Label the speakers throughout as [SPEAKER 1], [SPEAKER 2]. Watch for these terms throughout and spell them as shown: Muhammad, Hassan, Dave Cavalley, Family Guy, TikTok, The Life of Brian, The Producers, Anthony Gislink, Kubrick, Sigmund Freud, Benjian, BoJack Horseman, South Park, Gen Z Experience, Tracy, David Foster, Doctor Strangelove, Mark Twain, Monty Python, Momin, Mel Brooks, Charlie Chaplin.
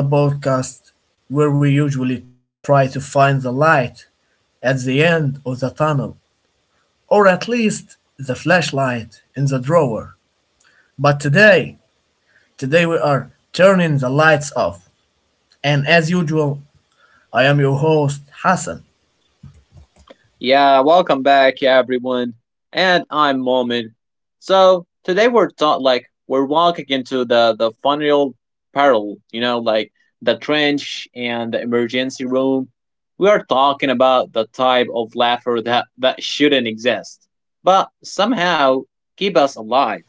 [SPEAKER 1] We are the podcast where we usually try to find the light at the end of the tunnel, or at least the flashlight in the drawer. But today, today we are turning the lights off. And as usual, I am your host, Hassan.
[SPEAKER 2] Yeah, welcome back, everyone. And I'm Momin. So today we're taught like we're walking into the funeral peril, you know, like the trench and the emergency room. We are talking about the type of laughter that shouldn't exist, but somehow keep us alive.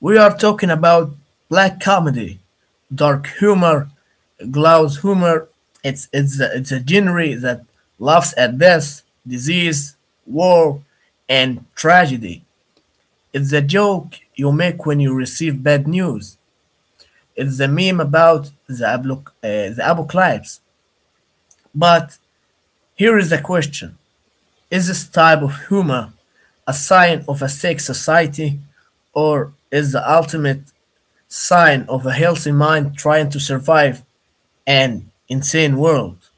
[SPEAKER 1] We are talking about black comedy, dark humor, glass humor. It's a genre that laughs at death, disease, war, and tragedy. It's the joke you make when you receive bad news. It's the meme about the apocalypse. But here is the question: Is this type of humor a sign of a sick society, or is the ultimate sign of a healthy mind trying to survive an insane world?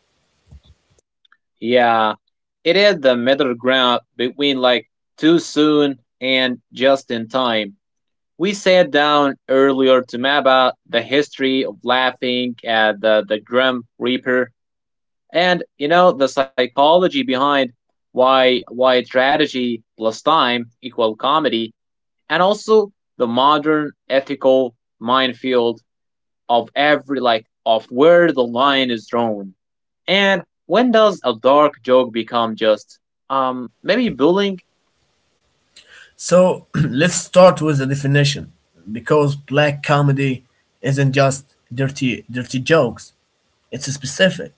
[SPEAKER 2] Yeah, it is the middle ground between like too soon and just in time. We sat down earlier to map out the history of laughing at the grim reaper, and you know, the psychology behind why tragedy plus time equal comedy, and also the modern ethical minefield of every like of where the line is drawn, and when does a dark joke become just maybe bullying.
[SPEAKER 1] So let's start with the definition because black comedy isn't just dirty jokes. It's specific.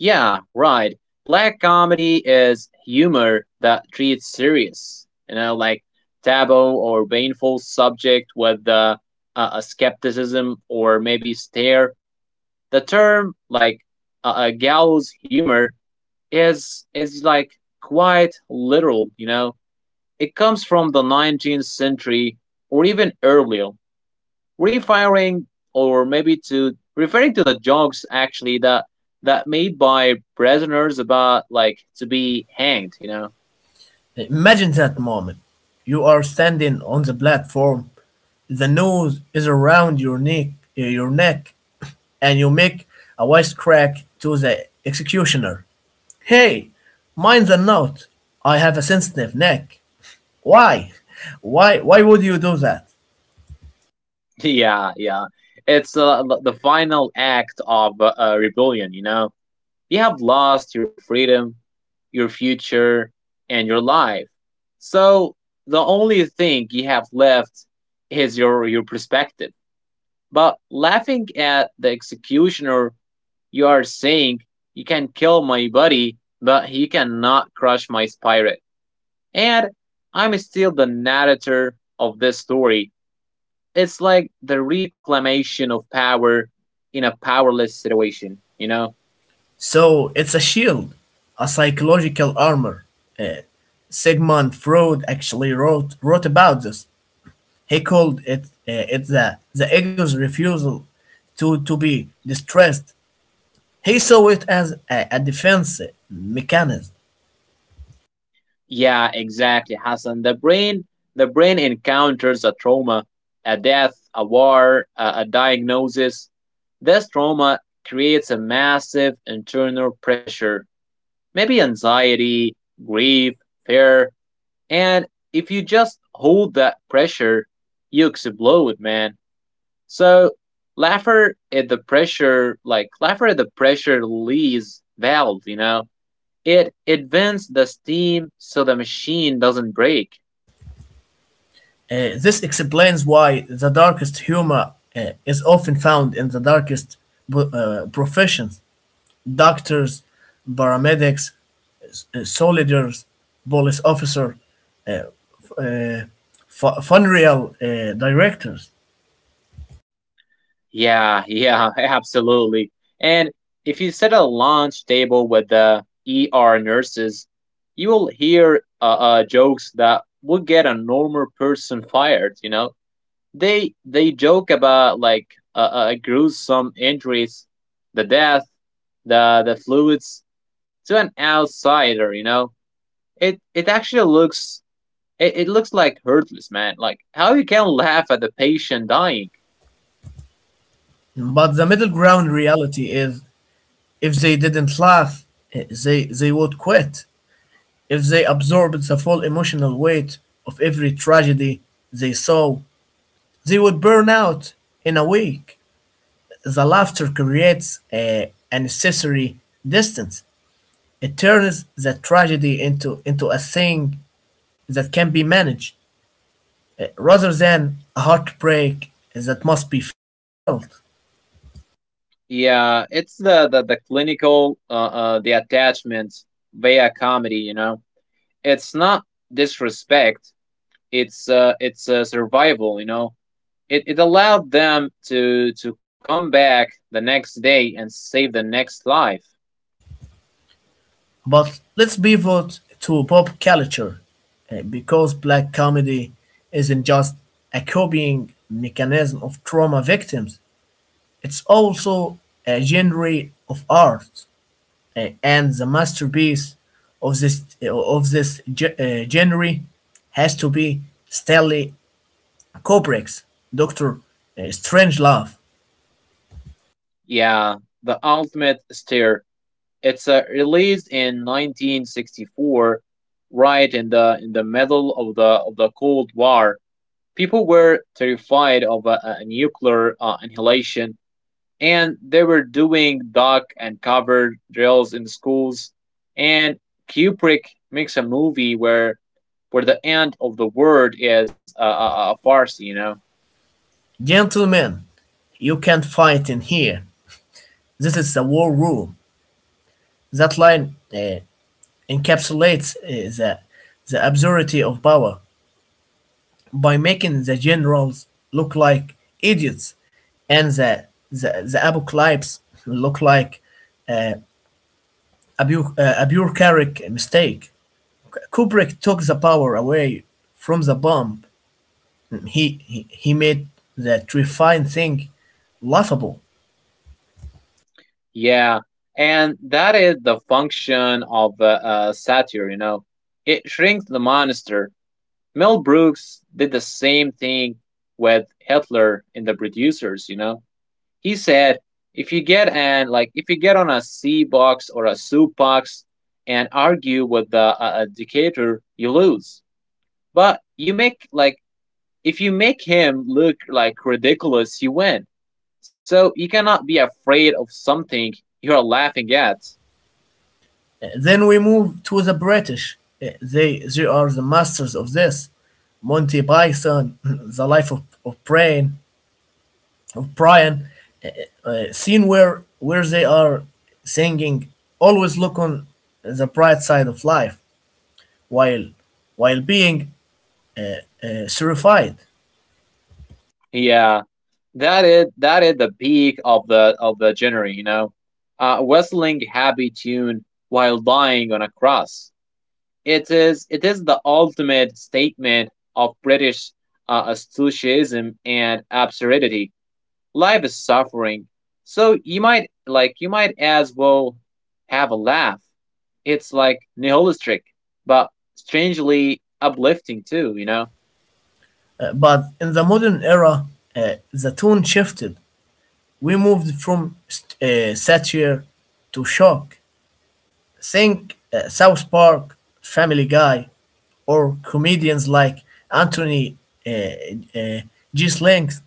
[SPEAKER 2] Yeah, right. Black comedy is humor that treats serious, you know, like taboo or painful subject with a skepticism or maybe stare. The term like a gallows humor is like quite literal, you know. It comes from the 19th century, or even earlier, refiring, or maybe to referring to the jokes actually that made by prisoners about like to be hanged, you know.
[SPEAKER 1] Imagine that moment. You are standing on the platform. The noose is around your neck, and you make a wise crack to the executioner. Hey, mind the knot! I have a sensitive neck. Why? Why would you do that?
[SPEAKER 2] Yeah, it's the final act of rebellion, you know. You have lost your freedom, your future, and your life. So the only thing you have left is your perspective. But laughing at the executioner, you are saying you can kill my buddy, but he cannot crush my spirit. And I'm still the narrator of this story. It's like the reclamation of power in a powerless situation, you know?
[SPEAKER 1] So it's a shield, a psychological armor. Uh, Sigmund Freud actually wrote about this. He called it the ego's refusal to be distressed. He saw it as a defense mechanism.
[SPEAKER 2] Yeah, exactly, Hassan. The brain encounters a trauma, a death, a war, a diagnosis. This trauma creates a massive internal pressure, maybe anxiety, grief, fear. And if you just hold that pressure, you explode, man. So Laffer at the pressure, like Laffer at the pressure release valve, you know, it advances the steam so the machine doesn't break.
[SPEAKER 1] This explains why the darkest humor is often found in the darkest professions. Doctors, paramedics, soldiers, police officer, uh, f- uh, funeral directors.
[SPEAKER 2] Yeah, yeah, absolutely. And if you set a launch table with the ER nurses, you will hear jokes that would get a normal person fired, you know? They joke about like gruesome injuries, the death, the fluids, to an outsider. You know, it actually looks it looks like hurtless, man. Like how you can laugh at the patient dying.
[SPEAKER 1] But the middle ground reality is if they didn't laugh, they would quit. If they absorbed the full emotional weight of every tragedy they saw, they would burn out in a week. The laughter creates a necessary distance. It turns the tragedy into a thing that can be managed rather than a heartbreak that must be felt.
[SPEAKER 2] Yeah, it's the clinical the attachment via comedy. You know, it's not disrespect. It's survival. You know, it allowed them to come back the next day and save the next life.
[SPEAKER 1] But let's pivot to pop culture because black comedy isn't just a coping mechanism of trauma victims, it's also a genre of art and the masterpiece of this genre has to be Stanley Kubrick's Doctor Strange Love.
[SPEAKER 2] Yeah, the ultimate stare. It's released in 1964, right in the middle of the Cold War. People were terrified of a nuclear annihilation, and they were doing duck and cover drills in schools. And Kubrick makes a movie where the end of the word is a farce, you know?
[SPEAKER 1] Gentlemen, you can't fight in here. This is the war room. That line encapsulates the absurdity of power by making the generals look like idiots and the apocalypse look like uh, a bureaucratic mistake. Kubrick took the power away from the bomb. He made that refined thing laughable.
[SPEAKER 2] Yeah. And that is the function of satire, you know? It shrinks the monster. Mel Brooks did the same thing with Hitler in The Producers, you know? He said, if you get an, like, if you get on a C box or a soup box and argue with the dictator, you lose. But you make, like, if you make him look like ridiculous, you win. So you cannot be afraid of something you're laughing at.
[SPEAKER 1] Then we move to the British. They are the masters of this. Monty Python, The Life of Brian, uh, scene where they are singing, always look on the bright side of life while while being terrified.
[SPEAKER 2] Yeah, that is the peak of the genre. You know, whistling happy tune while lying on a cross. It is the ultimate statement of British astutism and absurdity. Life is suffering. So you might like you might as well have a laugh. It's like nihilistic, but strangely uplifting too. You know?
[SPEAKER 1] But in the modern era, uh, the tone shifted. We moved from satire to shock. Think South Park, Family Guy, or comedians like Anthony uh, uh, Gislink.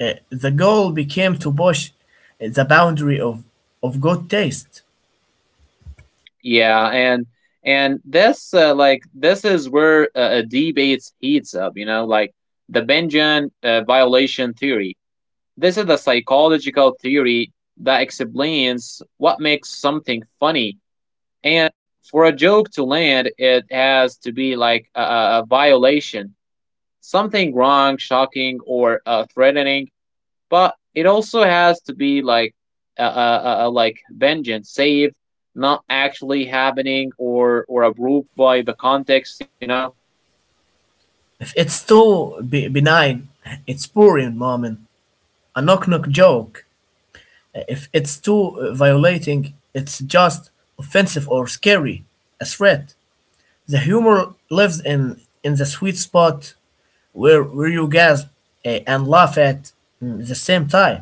[SPEAKER 1] The goal became to push the boundary of good taste.
[SPEAKER 2] Yeah, and this like this is where a debate heats up. You know, like the Benjian violation theory. This is the psychological theory that explains what makes something funny. And for a joke to land, it has to be like a violation, something wrong, shocking, or threatening. But it also has to be like like vengeance, save, not actually happening or approved by the context. You know.
[SPEAKER 1] If it's too benign, it's poor in a knock knock joke. If it's too violating, it's just offensive or scary, a threat. The humor lives in the sweet spot where you gasp and laugh at the same time.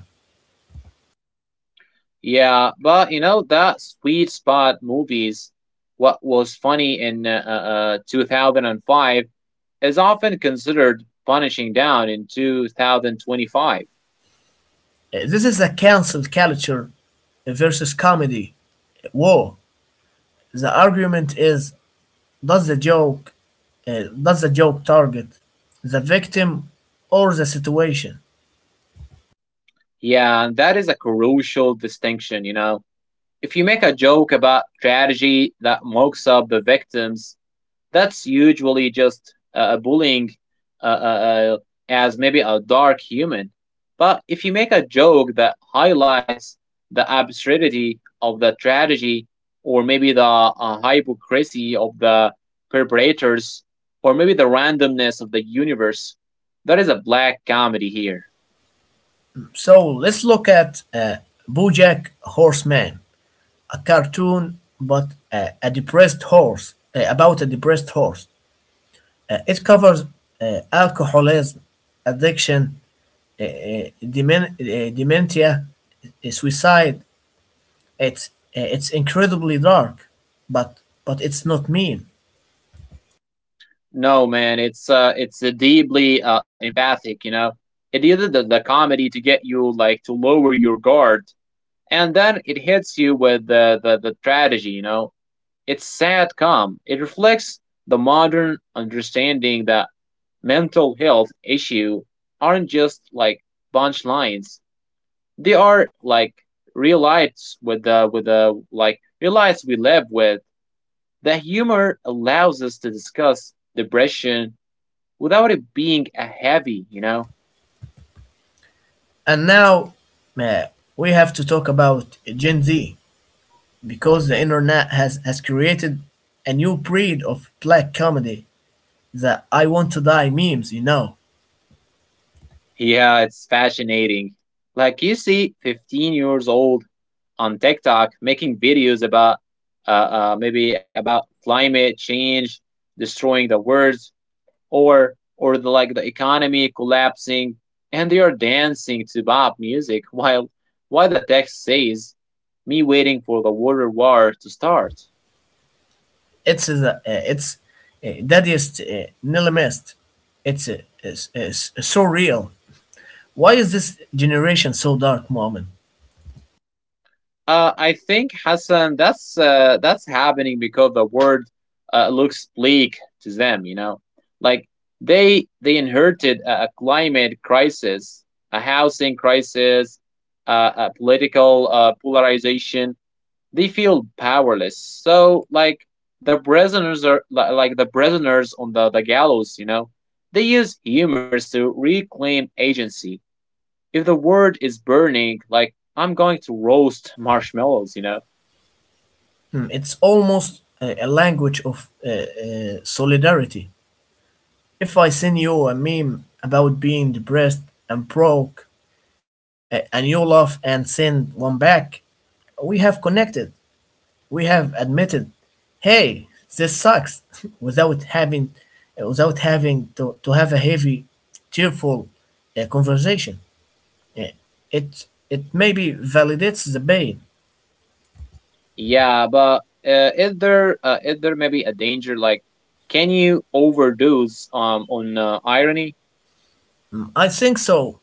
[SPEAKER 2] Yeah, but you know that sweet spot movies. What was funny in 2005 is often considered punishing down in 2025.
[SPEAKER 1] This is a cancel culture versus comedy war. The argument is does the joke does the joke target the victim or the situation?
[SPEAKER 2] Yeah, that is a crucial distinction, you know. If you make a joke about tragedy that mocks up the victims, that's usually just bullying, uh, uh, uh, as maybe a dark human. But if you make a joke that highlights the absurdity of the tragedy, or maybe the hypocrisy of the perpetrators, or maybe the randomness of the universe, that is a black comedy here.
[SPEAKER 1] So let's look at uh, BoJack Horseman, a cartoon but a depressed horse about a depressed horse. It covers alcoholism, addiction, dementia, suicide. It's it's incredibly dark, but it's not mean.
[SPEAKER 2] No, man, it's deeply empathic. You know, it uses the comedy to get you like to lower your guard, and then it hits you with the the tragedy. You know, it's sad calm. It reflects the modern understanding that mental health issue aren't just like punchlines. They are like real lights with the like real lights we live with. The humor allows us to discuss depression without it being a heavy, you know?
[SPEAKER 1] And now uh, we have to talk about Gen Z because the internet has created a new breed of black comedy, the "I Want to Die" memes. You know,
[SPEAKER 2] Yeah, it's fascinating. Like you see 15 years old on TikTok making videos about maybe about climate change, destroying the world, or the like the economy collapsing, and they are dancing to pop music while the text says me waiting for the water war to start.
[SPEAKER 1] it's the it's daddiest nihilist. It's so real. Why is this generation so dark, Muhammad?
[SPEAKER 2] I think Hassan, that's happening because the world looks bleak to them. You know, like they inherited a climate crisis, a housing crisis, a political polarization. They feel powerless. So like the prisoners are li- like the prisoners on the gallows. You know, they use humors to reclaim agency. If the world is burning, like I'm going to roast marshmallows. You know.
[SPEAKER 1] Hmm, it's almost a language of solidarity. If I send you a meme about being depressed and broke, and you laugh and send one back, we have connected. We have admitted, hey, this sucks, without having, without having to have a heavy, tearful conversation. Yeah, It maybe validates the pain.
[SPEAKER 2] Yeah, but is there maybe a danger? Like, can you overdose on irony?
[SPEAKER 1] I think so.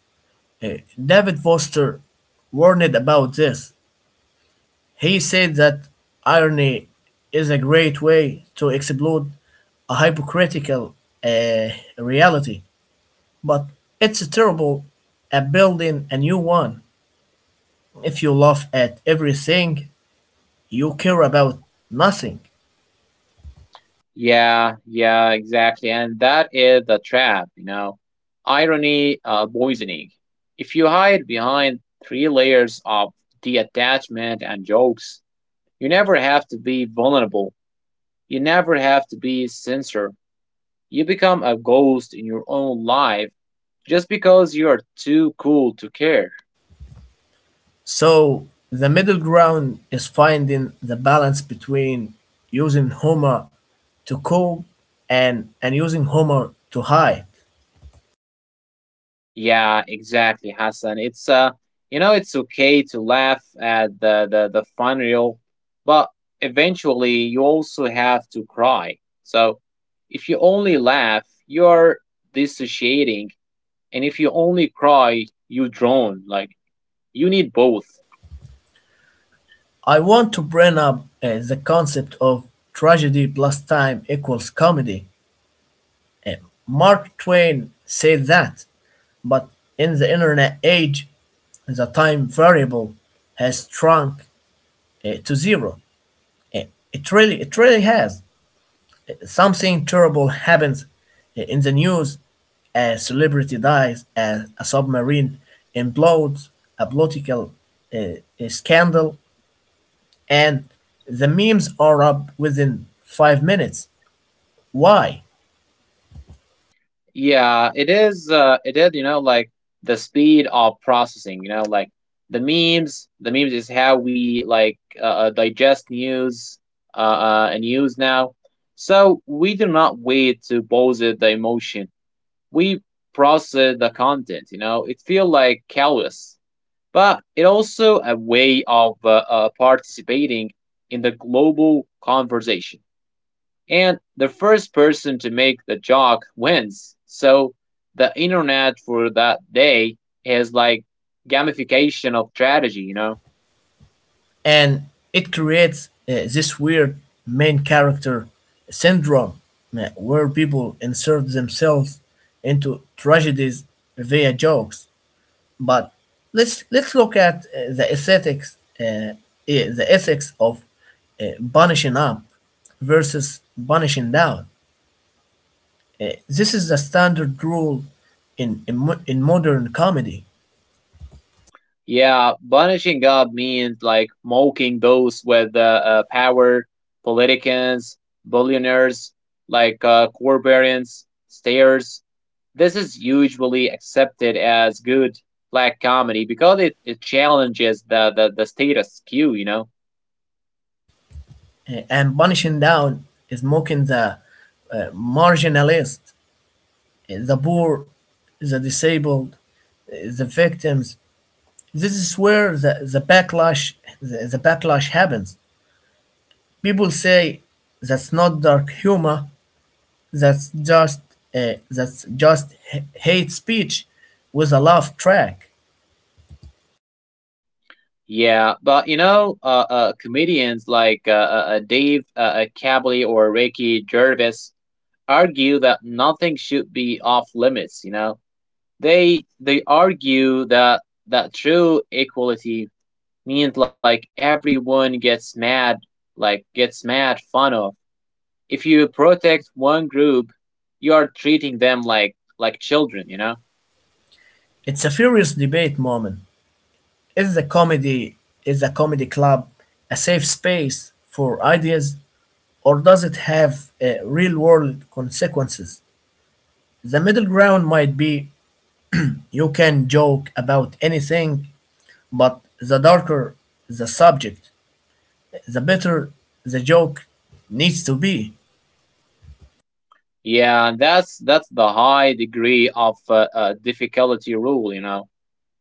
[SPEAKER 1] David Foster warned about this. He said that irony is a great way to explode a hypocritical uh, reality, but it's terrible at building a new one. If you laugh at everything, you care about nothing.
[SPEAKER 2] Yeah, yeah, exactly, and that is the trap, you know, irony poisoning. If you hide behind three layers of detachment and jokes, you never have to be vulnerable. You never have to be sincere. You become a ghost in your own life just because you are too cool to care.
[SPEAKER 1] So the middle ground is finding the balance between using humor to cope and using humor to hide.
[SPEAKER 2] Yeah, exactly, Hassan. It's you know, it's okay to laugh at the funeral, but eventually you also have to cry. So, if you only laugh, you're dissociating, and if you only cry, you drown. Like you need both.
[SPEAKER 1] I want to bring up the concept of tragedy plus time equals comedy. Uh, Mark Twain said that, but in the internet age, the time variable has shrunk to zero. Uh, it really has. Something terrible happens in the news. A celebrity dies. A submarine implodes. A political uh, scandal and the memes are up within five minutes. Why?
[SPEAKER 2] Yeah, it is. It is. You know, like the speed of processing. You know, like the memes. The memes is how we like digest news. And news now. So we do not wait to pose it the emotion. We process the content. You know, it feel like callous, but it also a way of participating in the global conversation, and the first person to make the joke wins. So the internet for that day is like gamification of strategy, you know?
[SPEAKER 1] And it creates this weird main character syndrome where people insert themselves into tragedies via jokes. But let's look at the ethics of uh, punishing up versus punishing down. This is the standard rule in in modern comedy.
[SPEAKER 2] Yeah, punishing God means like mocking those with power, politicians, billionaires, like barbarians, stairs. This is usually accepted as good black comedy because it challenges the status quo, you know?
[SPEAKER 1] And punishing down is mocking the marginalized, the poor, the disabled, the victims. This is where the backlash happens. People say that's not dark humor. That's just that's just hate speech with a laugh track.
[SPEAKER 2] Yeah, but you know, comedians like Dave Cavalley or Ricky Gervais argue that nothing should be off limits. You know, they argue that true equality means like everyone gets mad, like gets mad fun of. If you protect one group, you are treating them like children. You know.
[SPEAKER 1] It's a furious debate moment. Is the comedy is a comedy club a safe space for ideas or does it have real world consequences? The middle ground might be you can joke about anything, but the darker the subject, the better the joke needs to be.
[SPEAKER 2] Yeah, that's the high degree of difficulty rule. You know,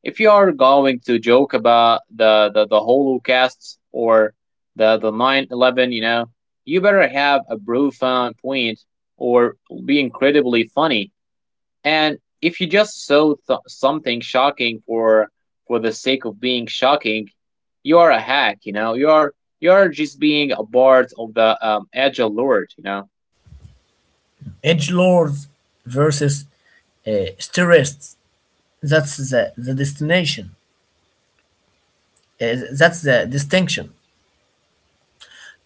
[SPEAKER 2] if you are going to joke about the the holocaust or the 9/11, you know, you better have a profound point, or be incredibly funny. And if you just show something shocking for the sake of being shocking, you are a hack, you know, you are just being a part of the agile lord, you know.
[SPEAKER 1] Edge lords versus terrorists. That's the destination. That's the distinction.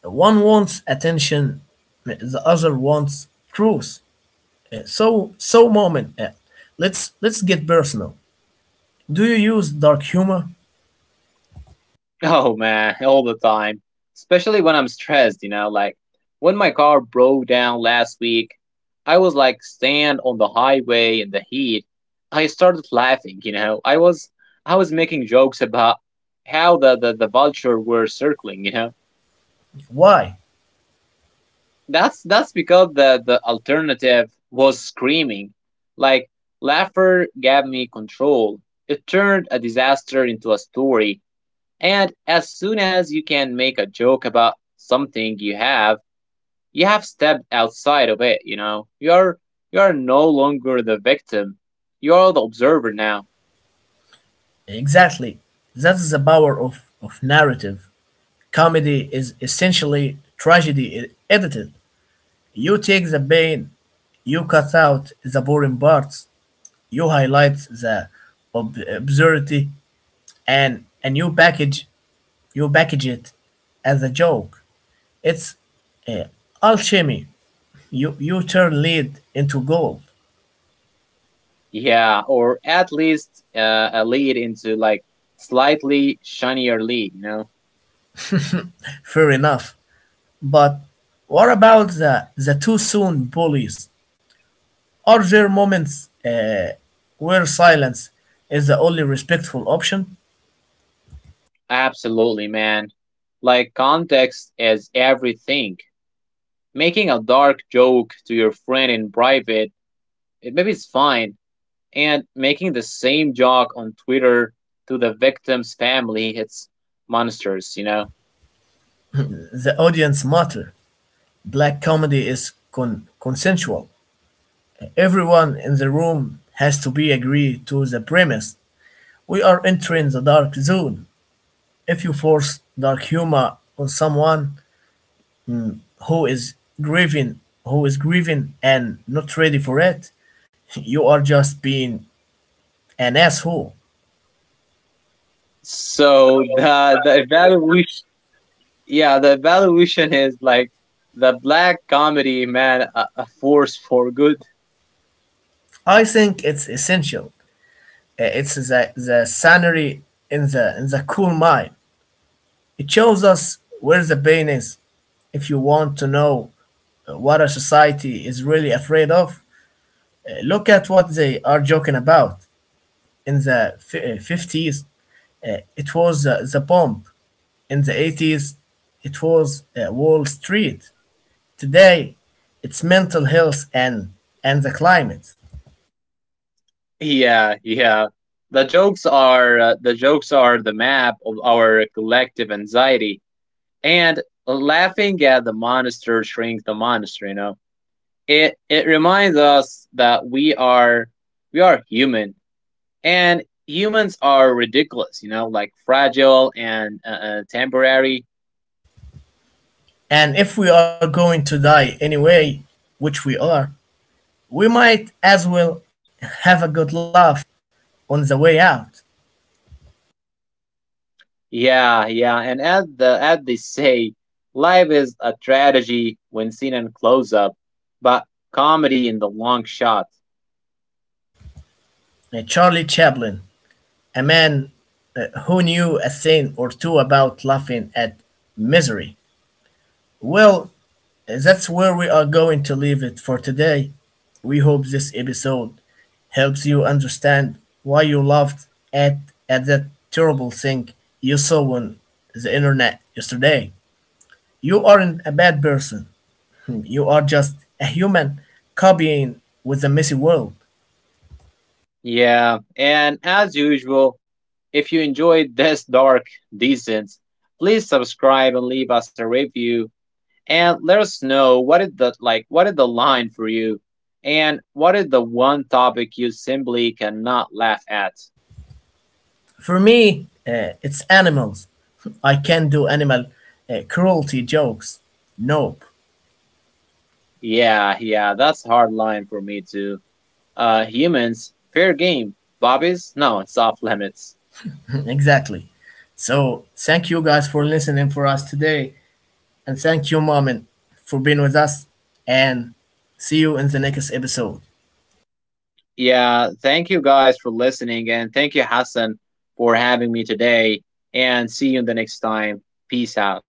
[SPEAKER 1] One wants attention, the other wants truth. So so moment, let's get personal. Do you use dark humor?
[SPEAKER 2] Oh man, all the time. Especially when I'm stressed, you know, like when my car broke down last week, I was like stand on the highway in the heat. I started laughing, you know. I was making jokes about how the vulture were circling, you know.
[SPEAKER 1] Why?
[SPEAKER 2] That's because the alternative was screaming. Like laughter gave me control. It turned a disaster into a story. And as soon as you can make a joke about something you have stepped outside of it, you know. You're no longer the victim. You're the observer now.
[SPEAKER 1] Exactly. That's the power of narrative. Comedy is essentially tragedy edited. You take the pain, you cut out the boring parts, you highlight the absurdity, and you package it as a joke. It's uh, alchemy. You turn lead into gold.
[SPEAKER 2] Yeah, or at least a lead into like slightly shinier lead, you know.
[SPEAKER 1] Fair enough. But what about the too soon bullies? Are there moments where silence is the only respectful option?
[SPEAKER 2] Absolutely, man. Like context is everything. Making a dark joke to your friend in private, it, maybe it's fine, and making the same joke on Twitter to the victim's family. It's monsters, you know.
[SPEAKER 1] The audience matter. Black comedy is consensual. Everyone in the room has to be agree to the premise. We are entering the dark zone. If you force dark humor on someone who is who is grieving and not ready for it, you are just being an asshole.
[SPEAKER 2] So the evaluation, yeah, the evaluation is like the black comedy man, a force for good.
[SPEAKER 1] I think it's essential. It's the scenery in the cool mind. It shows us where the pain is. If you want to know what a society is really afraid of, look at what they are joking about. In the 50s, it was the bomb. In the 80s, it was Wall Street. Today, it's mental health and the climate.
[SPEAKER 2] Yeah, yeah. The jokes are the jokes are the map of our collective anxiety, and laughing at the monster shrinks the monster. You know, it reminds us that we are human. And humans are ridiculous, you know, like fragile and temporary.
[SPEAKER 1] And if we are going to die anyway, which we are, we might as well have a good laugh on the way out.
[SPEAKER 2] Yeah, yeah. And as the as they say, life is a tragedy when seen in close up, but comedy in the long shot.
[SPEAKER 1] Charlie Chaplin, a man who knew a thing or two about laughing at misery. Well, that's where we are going to leave it for today. We hope this episode helps you understand why you laughed at that terrible thing you saw on the internet yesterday. You aren't a bad person. You are just a human copying with a messy world.
[SPEAKER 2] Yeah. And as usual, if you enjoyed this dark decent, please subscribe and leave us a review, and let us know what is the like what is the line for you, and what is the one topic you simply cannot laugh at.
[SPEAKER 1] For me, it's animals. I can't do animal cruelty jokes. Nope.
[SPEAKER 2] Yeah, yeah, that's a hard line for me too. Uh, humans fair game, bobbies no, it's off limits.
[SPEAKER 1] Exactly. So, thank you guys for listening for us today. And thank you, Mom, for being with us. And see you in the next episode.
[SPEAKER 2] Yeah, thank you guys for listening, and thank you Hassan for having me today, and see you the next time. Peace out.